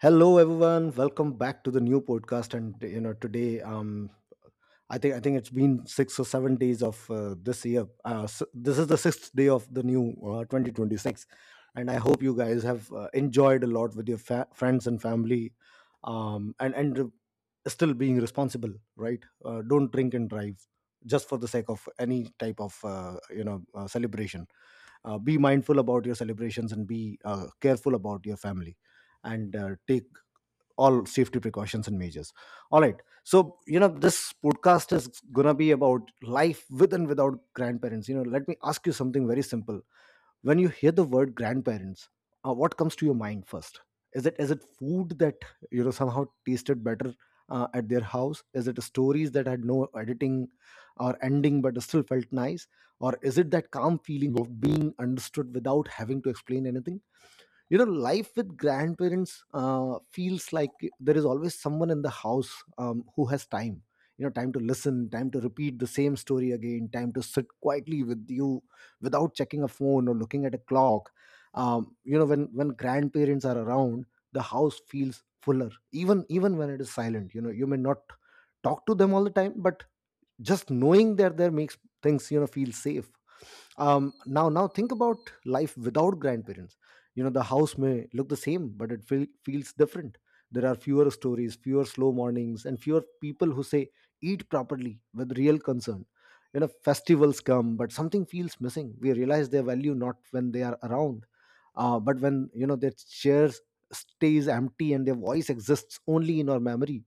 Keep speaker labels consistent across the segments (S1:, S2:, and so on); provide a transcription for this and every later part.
S1: Hello, everyone. Welcome back to the new podcast. And you know, today, I think it's been 6 or 7 days of this year. S This is the sixth day of the new 2026, and I hope you guys have enjoyed a lot with your friends and family, um, and and re- still being responsible, right? Don't drink and drive just for the sake of any type of celebration. Be mindful about your celebrations and be careful about your family and take all safety precautions and measures. All right, so you know this podcast is gonna be about life with and without grandparents. You know, let me ask you something very simple. When you hear the word grandparents, what comes to your mind first? Is it food that you know somehow tasted better at their house? Is it stories that had no editing or ending but still felt nice? Or is it that calm feeling of being understood without having to explain anything? You know, life with grandparents feels like there is always someone in the house, who has time. You know, time to listen, time to repeat the same story again, time to sit quietly with you without checking a phone or looking at a clock. When grandparents are around, the house feels fuller, even even when it is silent. You know, you may not talk to them all the time, but just knowing that there makes things, you know, feel safe. Now think about life without grandparents. You know, the house may look the same, but it feels different. There are fewer stories, fewer slow mornings, and fewer people who say eat properly with real concern. You know, festivals come, but something feels missing. We realize their value not when they are around, but when, you know, their chairs stays empty and their voice exists only in our memory.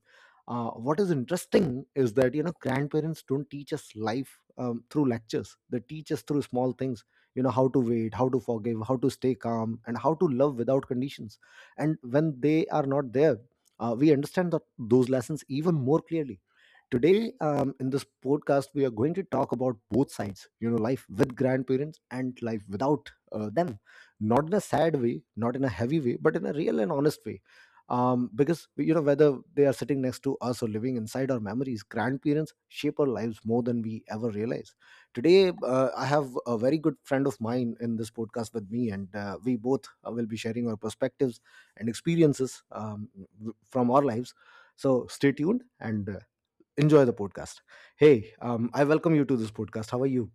S1: What is interesting is that, you know, grandparents don't teach us life through lectures. They teach us through small things. You know, how to wait, how to forgive, how to stay calm, and how to love without conditions. And when they are not there, we understand that those lessons even more clearly. Today, in this podcast, we are going to talk about both sides, you know, life with grandparents and life without them. Not in a sad way, not in a heavy way, but in a real and honest way. Because, you know, whether they are sitting next to us or living inside our memories, grandparents shape our lives more than we ever realize. Today, I have a very good friend of mine in this podcast with me, and we both will be sharing our perspectives and experiences from our lives. So stay tuned and enjoy the podcast. Hey, I welcome you to this podcast. How are you?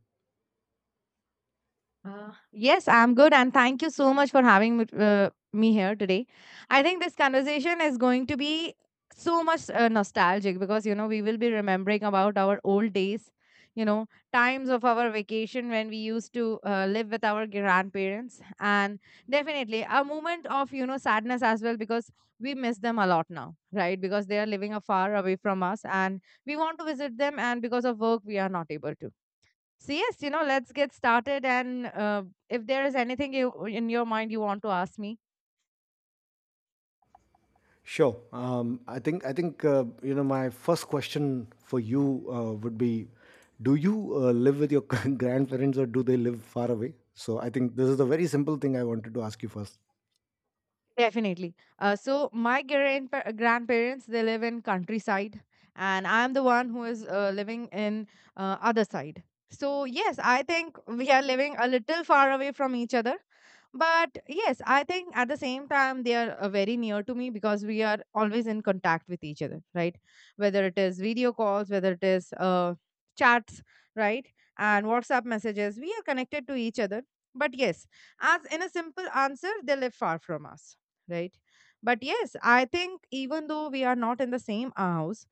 S2: Yes, I'm good, and thank you so much for having me here today. I think this conversation is going to be so much nostalgic because we will be remembering about our old days, you know, times of our vacation when we used to live with our grandparents, and definitely a moment of sadness as well because we miss them a lot now, right? Because they are living a far away from us, and we want to visit them, and because of work, we are not able to. So yes, let's get started. And if there is anything you in your mind you want to ask me.
S1: Sure. I think you know, my first question for you would be, do you live with your grandparents, or do they live far away? So I think this is a very simple thing I wanted to ask you first.
S2: Definitely. So my grandparents they live in countryside, and I'm the one who is living in other side. So yes, I think we are living a little far away from each other, but yes, I think at the same time they are very near to me because we are always in contact with each other, right? Whether it is video calls, whether it is chats, right, and WhatsApp messages, we are connected to each other. But yes, as in a simple answer, they live far from us, right? But yes, I think even though we are not in the same house,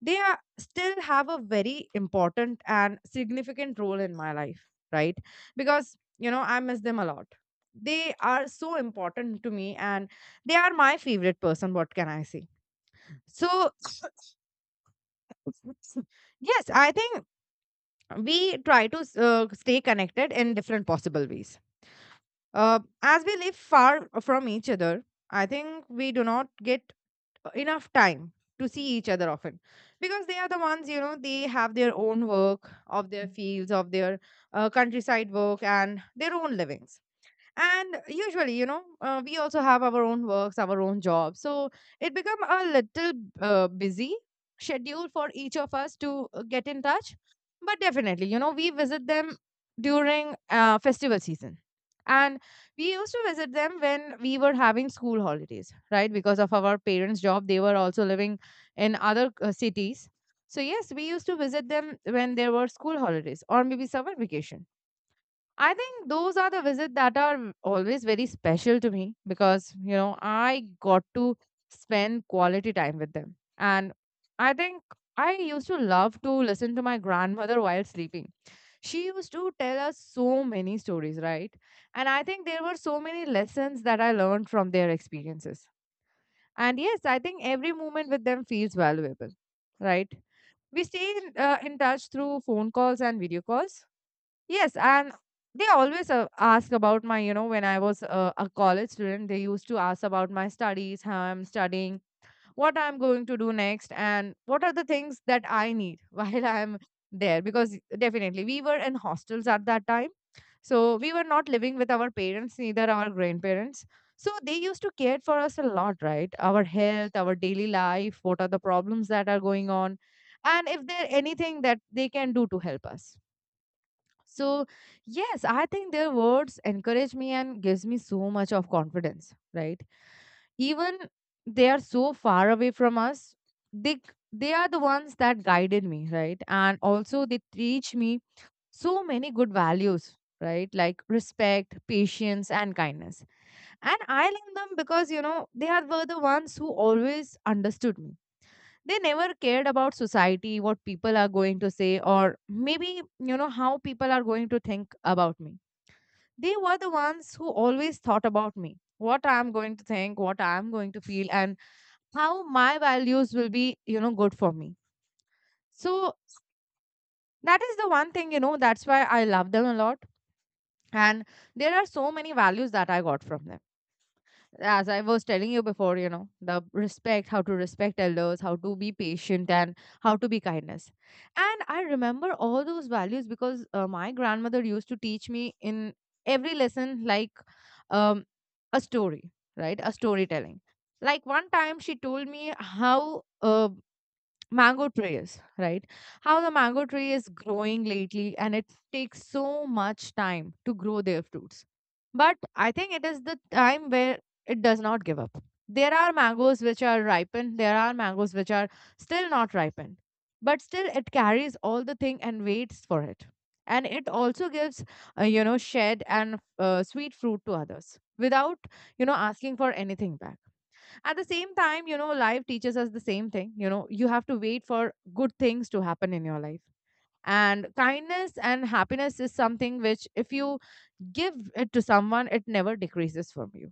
S2: they are, still have a very important and significant role in my life, right? Because, I miss them a lot. They are so important to me and they are my favorite person. What can I say? So, yes, I think we try to stay connected in different possible ways. As we live far from each other, I think we do not get enough time to see each other often because they are the ones, they have their own work of their fields of their countryside work and their own livings, and usually we also have our own works, our own jobs, so it become a little busy schedule for each of us to get in touch. But definitely, we visit them during festival season, and we used to visit them when we were having school holidays, right? Because of our parents job, they were also living in other cities. So yes, we used to visit them when there were school holidays or maybe summer vacation. I think those are the visits that are always very special to me because, I got to spend quality time with them. And I think I used to love to listen to my grandmother while sleeping. She used to tell us so many stories, right? And I think there were so many lessons that I learned from their experiences. And yes, I think every moment with them feels valuable, right? We stay in touch through phone calls and video calls. Yes, and they always ask about my, when I was a college student, they used to ask about my studies, how I'm studying, what I'm going to do next, and what are the things that I need while I'm there. Because definitely we were in hostels at that time. So we were not living with our parents, neither our grandparents. So they used to care for us a lot, right? Our health, our daily life, what are the problems that are going on, and if there anything that they can do to help us. So, yes, I think their words encourage me and gives me so much of confidence, right? Even they are so far away from us, they they are the ones that guided me, right? And also they teach me so many good values, right? Like respect, patience, and kindness. And I love them because they are were the ones who always understood me. They never cared about society, what people are going to say, or maybe how people are going to think about me. They were the ones who always thought about me, what I am going to think, what I am going to feel, and how my values will be good for me. So that is the one thing, that's why I love them a lot. And there are so many values that I got from them. As I was telling you before, the respect, how to respect elders, how to be patient, and how to be kindness. And I remember all those values because my grandmother used to teach me in every lesson, like um, a story, right? A storytelling. Like one time she told me how mango trees, right? How the mango tree is growing lately and it takes so much time to grow their fruits. But I think it is the time where it does not give up. There are mangoes which are ripened, there are mangoes which are still not ripened, but still it carries all the thing and waits for it. And it also gives, shed and sweet fruit to others without, asking for anything back. At the same time, life teaches us the same thing. You have to wait for good things to happen in your life. And kindness and happiness is something which, if you give it to someone, it never decreases from you.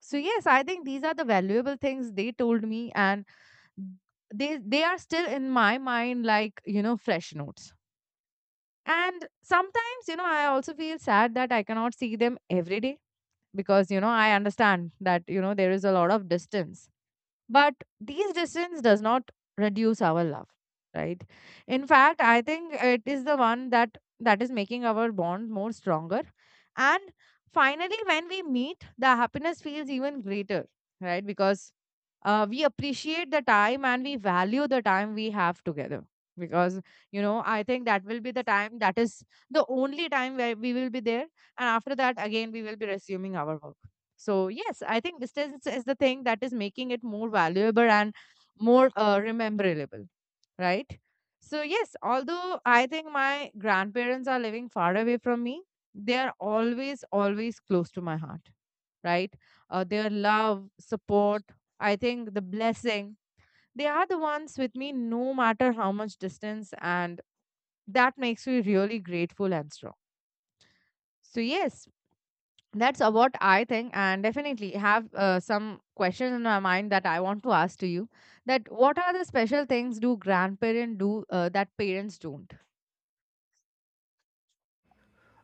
S2: So, yes, I think these are the valuable things they told me, and they are still in my mind like fresh notes. And sometimes I also feel sad that I cannot see them every day, because I understand that there is a lot of distance. But these distance does not reduce our love, right? In fact, I think it is the one that is making our bond more stronger. And finally when we meet, the happiness feels even greater, right? Because we appreciate the time and we value the time we have together, because I think that will be the time that is the only time where we will be there, and after that again we will be resuming our work. So yes, I think distance is the thing that is making it more valuable and more rememberable, right? So yes, although I think my grandparents are living far away from me, they are always always close to my heart, right? Their love, support, I think the blessing, they are the ones with me no matter how much distance, and that makes me really grateful and strong. So, yes, that's what I think, and definitely have some questions in my mind that I want to ask to you. That what are the special things do grandparents do that parents don't?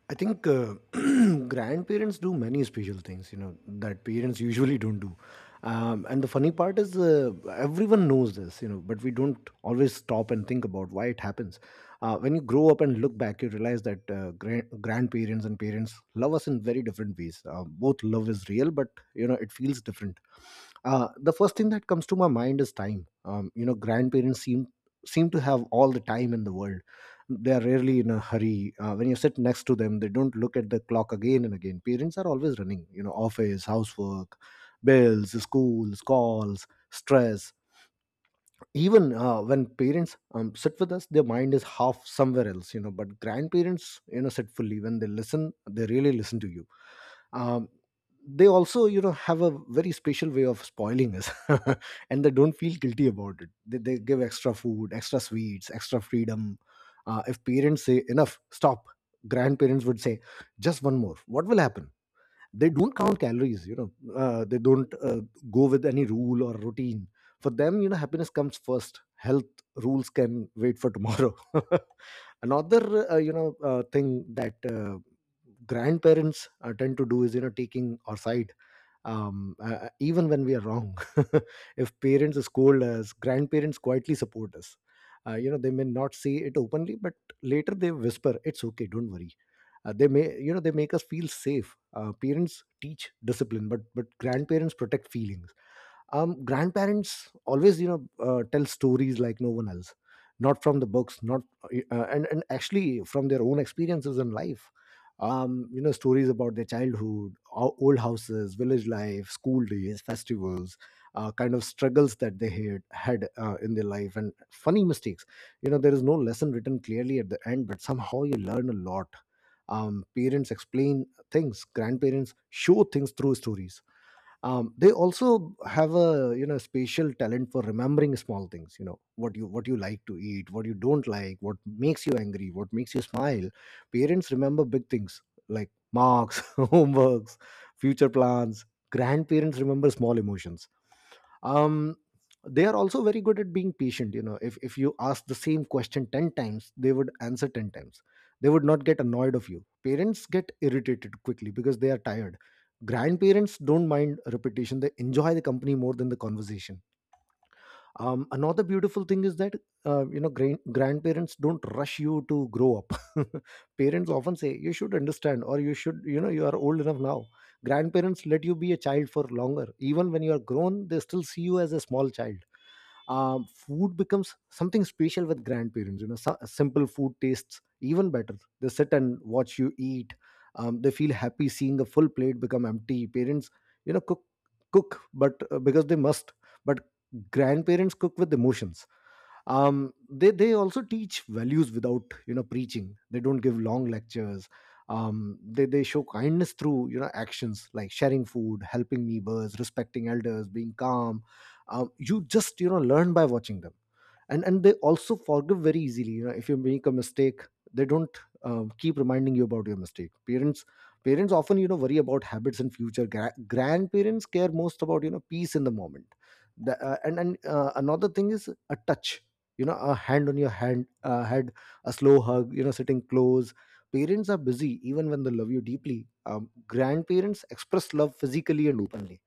S1: I think grandparents do many special things, you know, that parents usually don't do. And the funny part is, everyone knows this, you know, but we don't always stop and think about why it happens. When you grow up and look back, you realize that grandparents and parents love us in very different ways. Both love is real, but, you know, it feels different. The first thing that comes to my mind is time. You know, grandparents seem to have all the time in the world. They are rarely in a hurry. When you sit next to them, they don't look at the clock again and again. Parents are always running, you know, office, housework, bills, schools, calls, stress. Even when parents sit with us, their mind is half somewhere else. You know, but grandparents, you know, sit fully. When they listen, they really listen to you. um, they also, you know, have a very special way of spoiling us. And they don't feel guilty about it. They give extra food, extra sweets, extra freedom. If parents say enough, stop, grandparents would say just one more, what will happen? They don't count calories, you know. They don't go with any rule or routine. For them, you know, happiness comes first. Health rules can wait for tomorrow. Another thing that grandparents tend to do is, you know, taking our side, even when we are wrong. If parents scold us, grandparents quietly support us. You know, they may not say it openly, but later they whisper, it's okay, don't worry. They may, you know, they make us feel safe. Parents teach discipline, but grandparents protect feeling. Grandparents always, you know, tell stories like no one else, not from the books, not and actually from their own experiences in life. You know, stories about their childhood, old houses, village life, school days, festivals, kind of struggles that they had had in their life, and funny mistakes. You know, there is no lesson written clearly at the end, but somehow you learn a lot. Parents explain things, grandparents show things through stories. They also have, a you know, special talent for remembering small things. You know, what you like to eat, what you don't like, what makes you angry, what makes you smile. Parents remember big things, like marks, homeworks, future plans. Grandparents remember small emotions. um they are also very good at being patient. You know, if you ask the same question 10 times, they would answer 10 times. They would not get annoyed of you. Parents get irritated quickly because they are tired. Grandparents don't mind repetition. They enjoy the company more than the conversation. Another beautiful thing is that, you know, grandparents don't rush you to grow up. Parents often say you should understand, or you should, you know, you are old enough now. Grandparents let you be a child for longer. Even when you are grown, they still see you as a small child. Food becomes something special with grandparents. You know, so, simple food tastes even better. They sit and watch you eat. They feel happy seeing a full plate become empty. Parents, you know, cook but because they must, but grandparents cook with emotions. They also teach values without, you know, preaching. They don't give long lectures. They show kindness through, you know, actions, like sharing food, helping neighbors, respecting elders, being calm. You just, you know, learn by watching them. And they also forgive very easily. You know, if you make a mistake, they don't keep reminding you about your mistake. Parents often, you know, worry about habits in future. Grandparents care most about, you know, peace in the moment. The, and Another thing is a touch. You know, a hand on your hand head, a slow hug, you know, sitting close. Parents are busy even when they love you deeply. Grandparents express love physically and openly.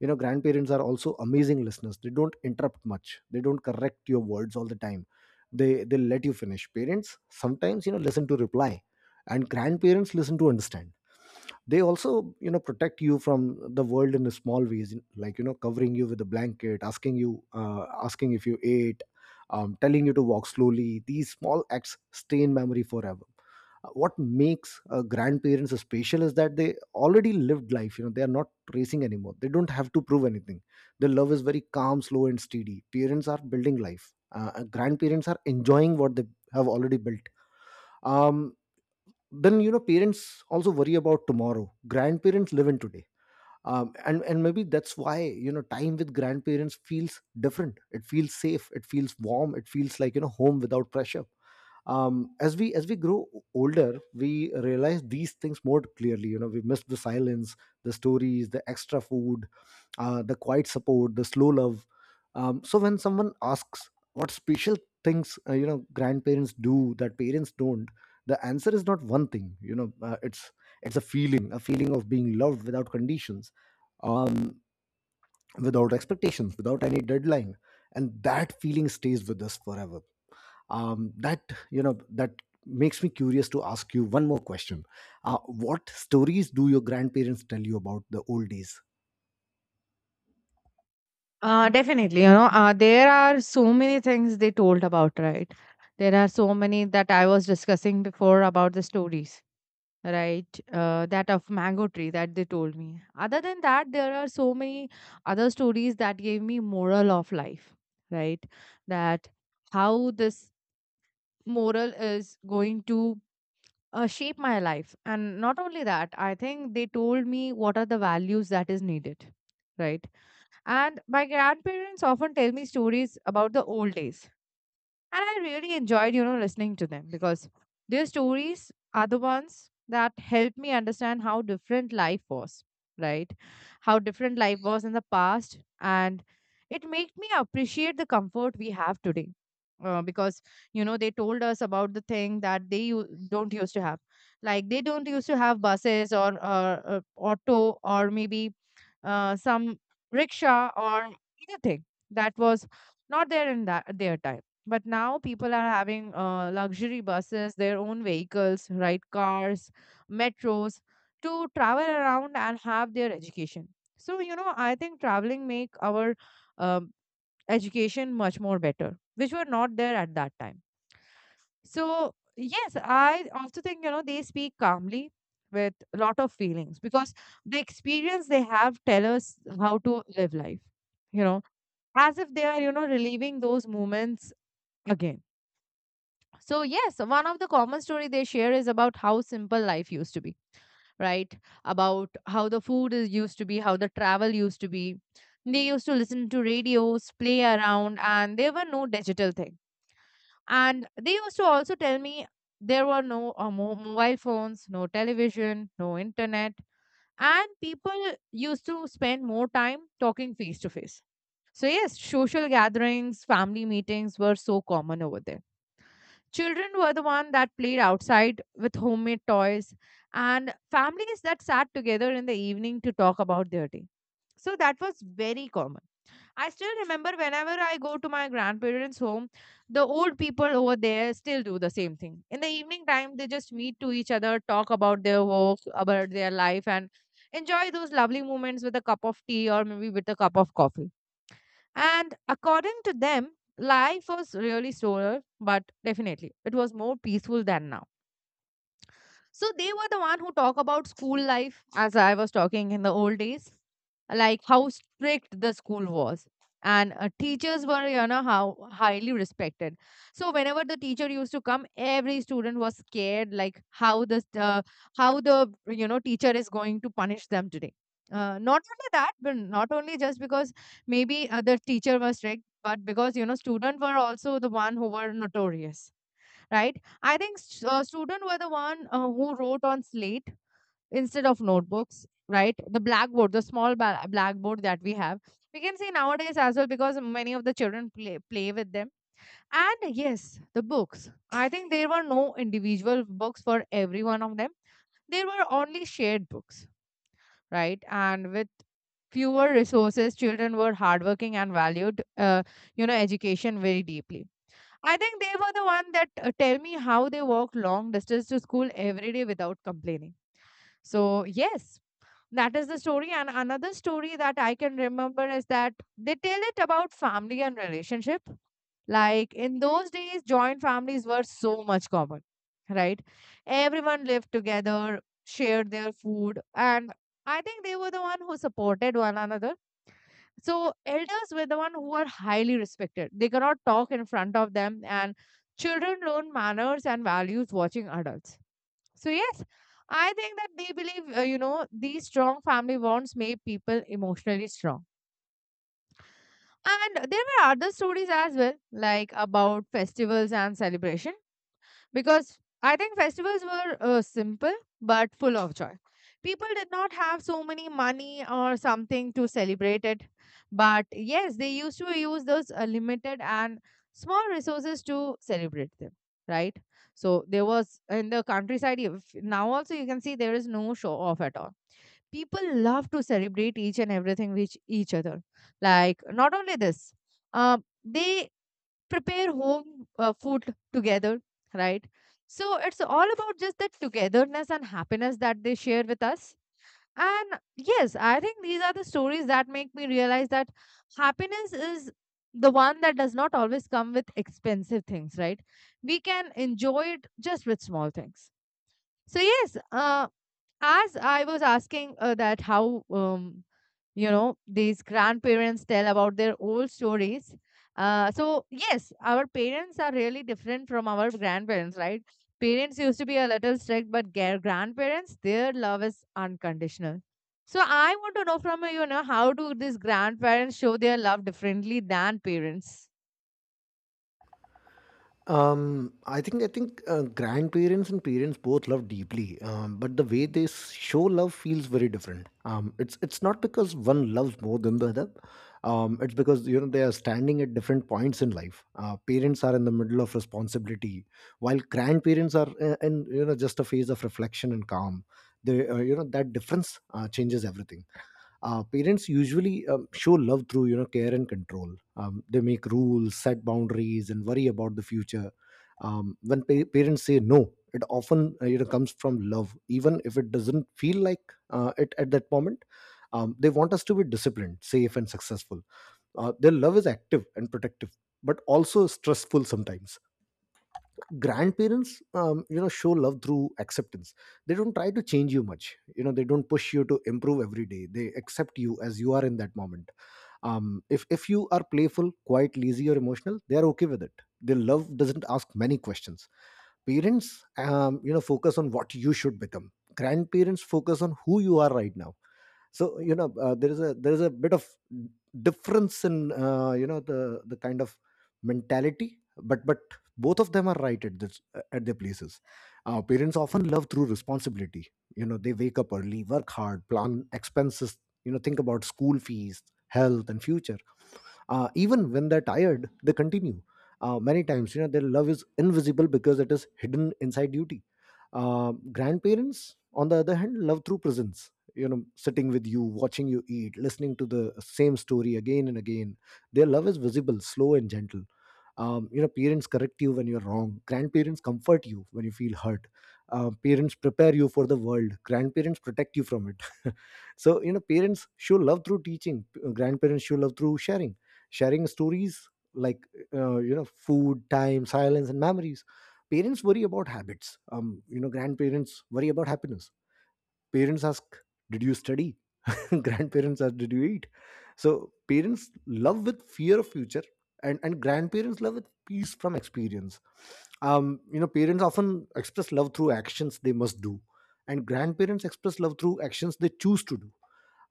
S1: You know, grandparents are also amazing listeners. They don't interrupt much. They don't correct your words all the time. They let you finish. Parents sometimes, you know, listen to reply, and grandparents listen to understand. They also, you know, protect you from the world in a small ways, like, you know, covering you with a blanket, asking you, asking if you ate, telling you to walk slowly. These small acts stay in memory forever. What makes grandparents special is that they already lived life. You know, they are not racing anymore. They don't have to prove anything. Their love is very calm, slow, and steady. Parents are building life. uh, Grandparents are enjoying what they have already built. um then, you know, parents also worry about tomorrow. Grandparents live in today. And maybe that's why, you know, time with grandparents feels different. It feels safe, it feels warm, it feels like, you know, home without pressure. As we grow older, we realize these things more clearly. You know, we miss the silence, the stories, the extra food, the quiet support, the slow love. So when someone asks what special things, you know, grandparents do that parents don't, the answer is not one thing. You know, it's a feeling of being loved without conditions, um, without expectations, without any deadline. And that feeling stays with us forever. Um, that you know that makes me curious to ask you one more question. What stories do your grandparents tell you about the old days?
S2: Definitely, there are so many things they told about, right? There are so many that I was discussing before about the stories, right? That of mango tree that they told me. Other than that, there are so many other stories that gave me moral of life, right? That how this moral is going to shape my life, and not only that, I think they told me what are the values that is needed, right? And my grandparents often tell me stories about the old days. And I really enjoyed, listening to them because their stories are the ones that helped me understand how different life was, right? How different life was in the past. And it made me appreciate the comfort we have today. Because they told us about the thing that they don't used to have, like they don't used to have buses or auto, or maybe some rickshaw or anything that was not there in that their time. But now people are having luxury buses, their own vehicles, right? Cars, metros to travel around and have their education. So, I think traveling make our um, education much more better, which were not there at that time. So, yes, I also think, they speak calmly with a lot of feelings because the experience they have tell us how to live life, you know, as if they are, reliving those moments again. So, yes, one of the common story they share is about how simple life used to be, right? About how the food is used to be, how the travel used to be. They used to listen to radios, play around, and there were no digital thing. And they used to also tell me there were no mobile phones, no television, no internet, and people used to spend more time talking face to face. So yes, social gatherings, family meetings were so common over there. Children were the one that played outside with homemade toys and families that sat together in the evening to talk about their day. So that was very common. I still remember whenever I go to my grandparents' home, the old people over there still do the same thing. In the evening time, they just meet to each other, talk about their work, about their life, and enjoy those lovely moments with a cup of tea or maybe with a cup of coffee. And according to them, life was really slower, but definitely it was more peaceful than now. So they were the one who talk about school life as I was talking in the old days, like how strict the school was. And teachers were, you know, how highly respected. So whenever the teacher used to come, every student was scared, like how the you know teacher is going to punish them today. Not only that, but not only just because maybe the teacher was strict, but because you know students were also the one who were notorious, right? I think student were the one who wrote on slate instead of notebooks, right? The blackboard, the small blackboard that we have, we can see nowadays as well because many of the children play with them. And yes, the books. I think there were no individual books for every one of them. There were only shared books, right? And with fewer resources, children were hardworking and valued you know education very deeply. I think they were the one that tell me how they walk long distance to school every day without complaining. So yes, that is the story. And another story that I can remember is that they tell it about family and relationship. Like in those days, joint families were so much common, right? Everyone lived together, shared their food, and I think they were the one who supported one another. So elders were the one who are highly respected. They cannot talk in front of them, and children learn manners and values watching adults. So yes, I think that they believe you know these strong family bonds make people emotionally strong. And there were other stories as well, like about festivals and celebration, because I think festivals were simple but full of joy. People did not have so many money or something to celebrate it, but yes, they used to use those limited and small resources to celebrate them, right? So there was in the countryside, if, now also you can see there is no show off at all. People love to celebrate each and everything with each other, like not only this, uh, they prepare home food together, right? So it's all about just that togetherness and happiness that they share with us. And yes, I think these are the stories that make me realize that happiness is the one that does not always come with expensive things, right? We can enjoy it just with small things. So, yes, as I was asking that how you know these grandparents tell about their old stories, so yes, our parents are really different from our grandparents, right? Parents used to be a little strict, but grandparents, their love is unconditional. So I want to know from you, you know, how do these grandparents show their love differently than parents?
S1: I think grandparents and parents both love deeply, but the way they show love feels very different. It's not because one loves more than the other. It's because they are standing at different points in life. Parents are in the middle of responsibility, while grandparents are in, just a phase of reflection and calm. They you know That difference changes everything. Parents usually show love through care and control. They make rules, set boundaries, and worry about the future. When parents say no, it often comes from love, even if it doesn't feel like it at that moment. They want us to be disciplined, safe, and successful. Their love is active and protective, but also stressful sometimes. Grandparents show love through acceptance. They don't try to change you much. They don't push you to improve every day. They accept you as you are in that moment. If you are playful, quiet, lazy, or emotional, they are okay with it. Their love doesn't ask many questions. Parents focus on what you should become. Grandparents focus on who you are right now. So, there is a bit of difference in the kind of mentality, but both of them are right at this, at their places. Parents often love through responsibility. They wake up early, work hard, plan expenses, think about school fees, health, and future. Even when they're tired, they continue. Many times, their love is invisible because it is hidden inside duty. Grandparents, on the other hand, love through presence, sitting with you, watching you eat, listening to the same story again and again. Their love is visible, slow, and gentle. Parents correct you when you're wrong. Grandparents comfort you when you feel hurt. Parents prepare you for the world, grandparents protect you from it. So, parents show love through teaching, grandparents show love through sharing, sharing stories like food, time, silence, and memories. Parents worry about habits, grandparents worry about happiness. Parents ask, "Did you study?" Grandparents ask, "Did you eat?" So parents love with fear of future, and grandparents love with peace from experience. Parents often express love through actions they must do, and grandparents express love through actions they choose to do.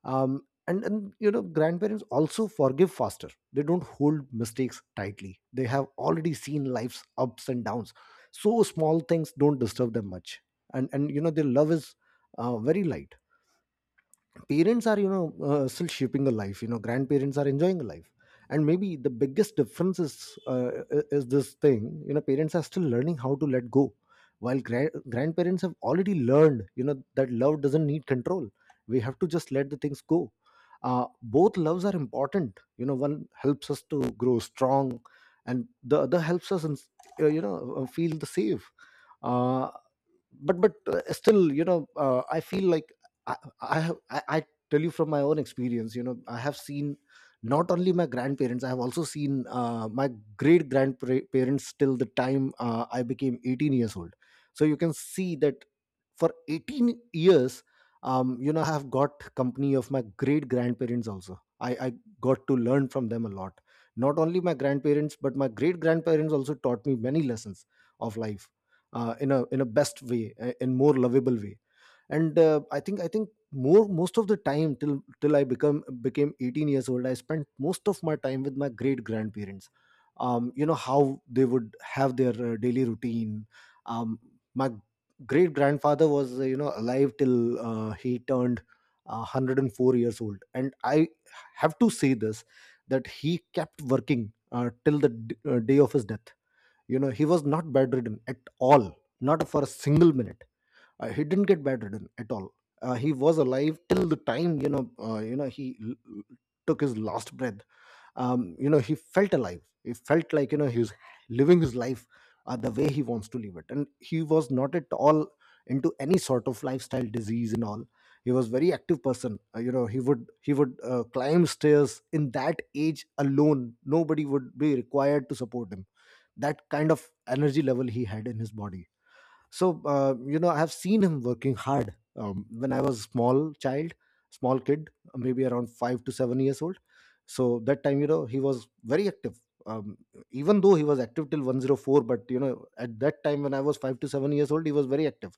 S1: And grandparents also forgive faster. They don't hold mistakes tightly. They have already seen life's ups and downs, so small things don't disturb them much. And their love is very light. Parents are still shaping a life. Grandparents are enjoying a life. And maybe the biggest difference is uh, is this thing. Parents are still learning how to let go, while grandparents have already learned that love doesn't need control. We have to just let the things go. uh, Both loves are important. One helps us to grow strong, and the other helps us in, you know feel the safe. Uh, but still, I feel like I, I tell you from my own experience, I have seen not only my grandparents, I have also seen my great grandparents till the time I became 18 years old. So you can see that for 18 years, I have got company of my great grandparents also. I got to learn from them a lot. Not only my grandparents, but my great grandparents also taught me many lessons of life, in a best way, in more lovable way. And I think more most of the time, till I become became 18 years old, I spent most of my time with my great grandparents, how they would have their daily routine. um my great grandfather was alive till he turned 104 years old, and I have to say this, that he kept working till the day of his death. He was not bedridden at all, not for a single minute. He didn't get bedridden at all. He was alive till the time he l- took his last breath. He felt alive. He felt like he's living his life, the way he wants to live it, and he was not at all into any sort of lifestyle disease and all. He was very active person. He would climb stairs in that age alone. Nobody would be required to support him. That kind of energy level he had in his body. So, I have seen him working hard when I was a small child, small kid, maybe around 5 to 7 years old. So that time, he was very active. um, Even though he was active till 104, but at that time when I was 5 to 7 years old, he was very active.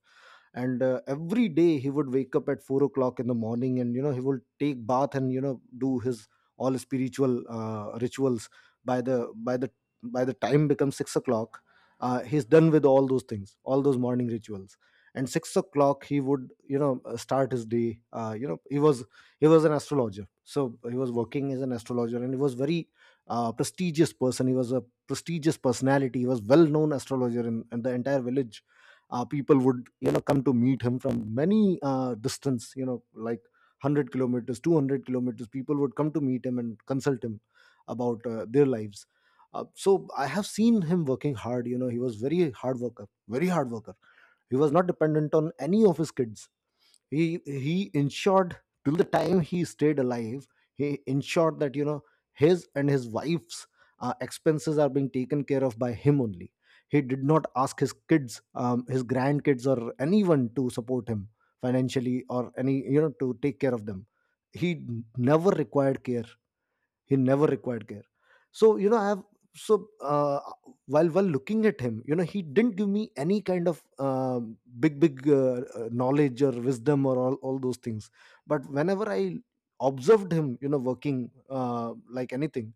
S1: And every day he would wake up at 4 o'clock in the morning, and he would take bath, and do his all spiritual rituals. By the by the by the time becomes 6 o'clock, he's done with all those things, all those morning rituals. And 6 o'clock he would start his day. He was an astrologer. So he was working as an astrologer, and he was very prestigious person. He was a prestigious personality. He was well known astrologer in the entire village. People would come to meet him from many distance, like 100 kilometers, 200 kilometers. People would come to meet him and consult him about their lives. So I have seen him working hard. He was very hard worker, very hard worker. He was not dependent on any of his kids. He ensured, till the time he stayed alive, he ensured that his and his wife's expenses are being taken care of by him only. He did not ask his kids, his grandkids, or anyone to support him financially or any, to take care of them. He never required care. He never required care. So you know i have so uh, while looking at him, he didn't give me any kind of uh, big knowledge or wisdom, or all those things. But whenever I observed him working, uh, like anything,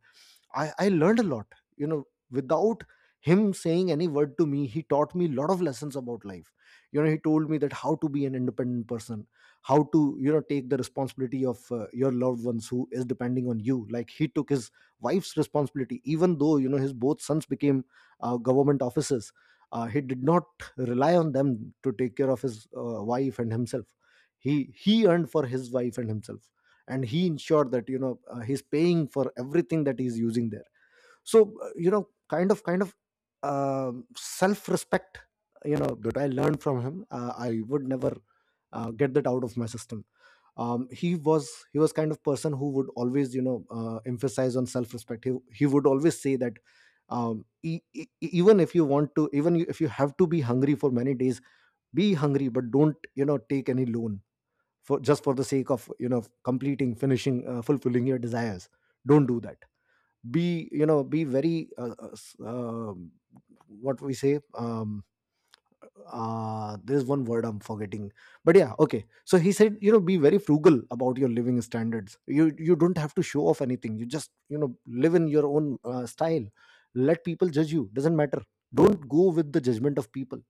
S1: I learned a lot, you know, without him saying any word to me. He taught me a lot of lessons about life. He told me that, how to be an independent person, how to, take the responsibility of your loved ones who is depending on you. Like he took his wife's responsibility, even though, his both sons became government officers. He did not rely on them to take care of his wife and himself. He earned for his wife and himself, and he ensured that he's paying for everything that he's using there. So, kind of self respect, that I learned from him, I would never get that out of my system. He was kind of person who would always emphasize on self respect. He would always say that, even if you want to, even if you have to be hungry for many days, be hungry, but don't take any loan, for just for the sake of completing finishing fulfilling your desires. Don't do that. Be you know be very, what we say, there's one word I'm forgetting, but yeah, okay. So he said, be very frugal about your living standards. You don't have to show off anything. You just live in your own style. Let people judge you, doesn't matter. Don't go with the judgment of people.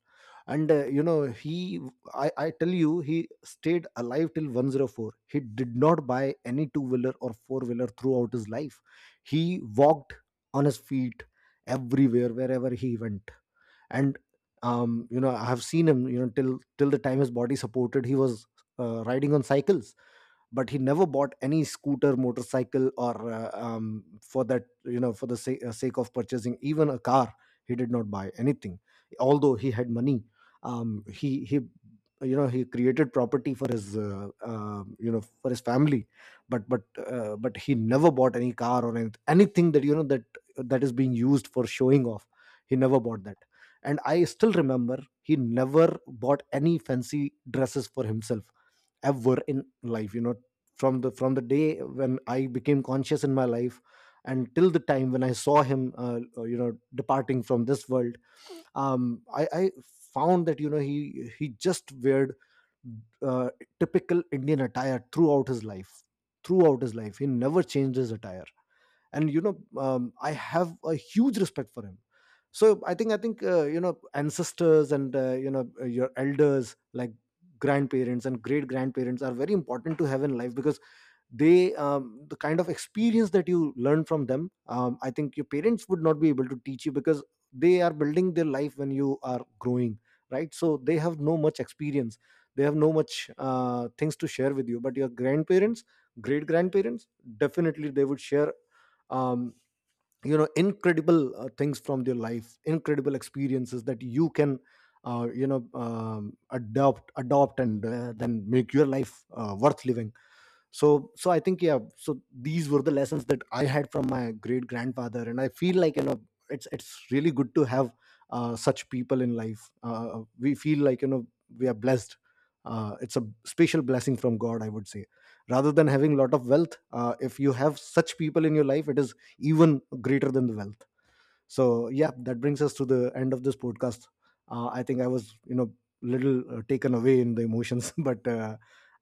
S1: And I tell you, he stayed alive till 104. He did not buy any two wheeler or four wheeler throughout his life. He walked on his feet everywhere, wherever he went. And I have seen him, till the time his body supported, he was riding on cycles. But he never bought any scooter, motorcycle, or for that, for the sake of purchasing even a car. He did not buy anything, although he had money. Um, he he you know he, created property for his, for his family. But he never bought any car, or anything that, that is being used for showing off. He never bought that. And I still remember, he never bought any fancy dresses for himself, ever in life, from the day when I became conscious in my life, and till the time when I saw him departing from this world. I found that he just weared uh, typical Indian attire throughout his life. Throughout his life, he never changed his attire. And I have a huge respect for him. So I think ancestors and, your elders, like grandparents and great grandparents, are very important to have in life, because the kind of experience that you learn from them, I think your parents would not be able to teach you, because they are building their life when you are growing, right. So they have no much experience. They have no much things to share with you. But your grandparents, great grandparents, definitely they would share um, incredible things from their life, incredible experiences that you can adopt and then make your life worth living. So so i think yeah, so these were the lessons that I had from my great grandfather, and I feel like it's really good to have such people in life. We feel like we are blessed. It's a special blessing from God, I would say. Rather than having a lot of wealth, if you have such people in your life, it is even greater than the wealth. So yeah, that brings us to the end of this podcast. I think I was, little taken away in the emotions. but uh,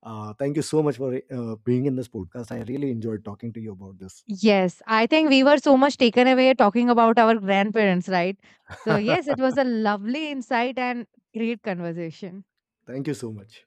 S1: uh, thank you so much for being in this podcast. I really enjoyed talking to you about this.
S2: Yes, I think we were so much taken away talking about our grandparents, right? So, yes, it was a lovely insight and great conversation.
S1: Thank you so much.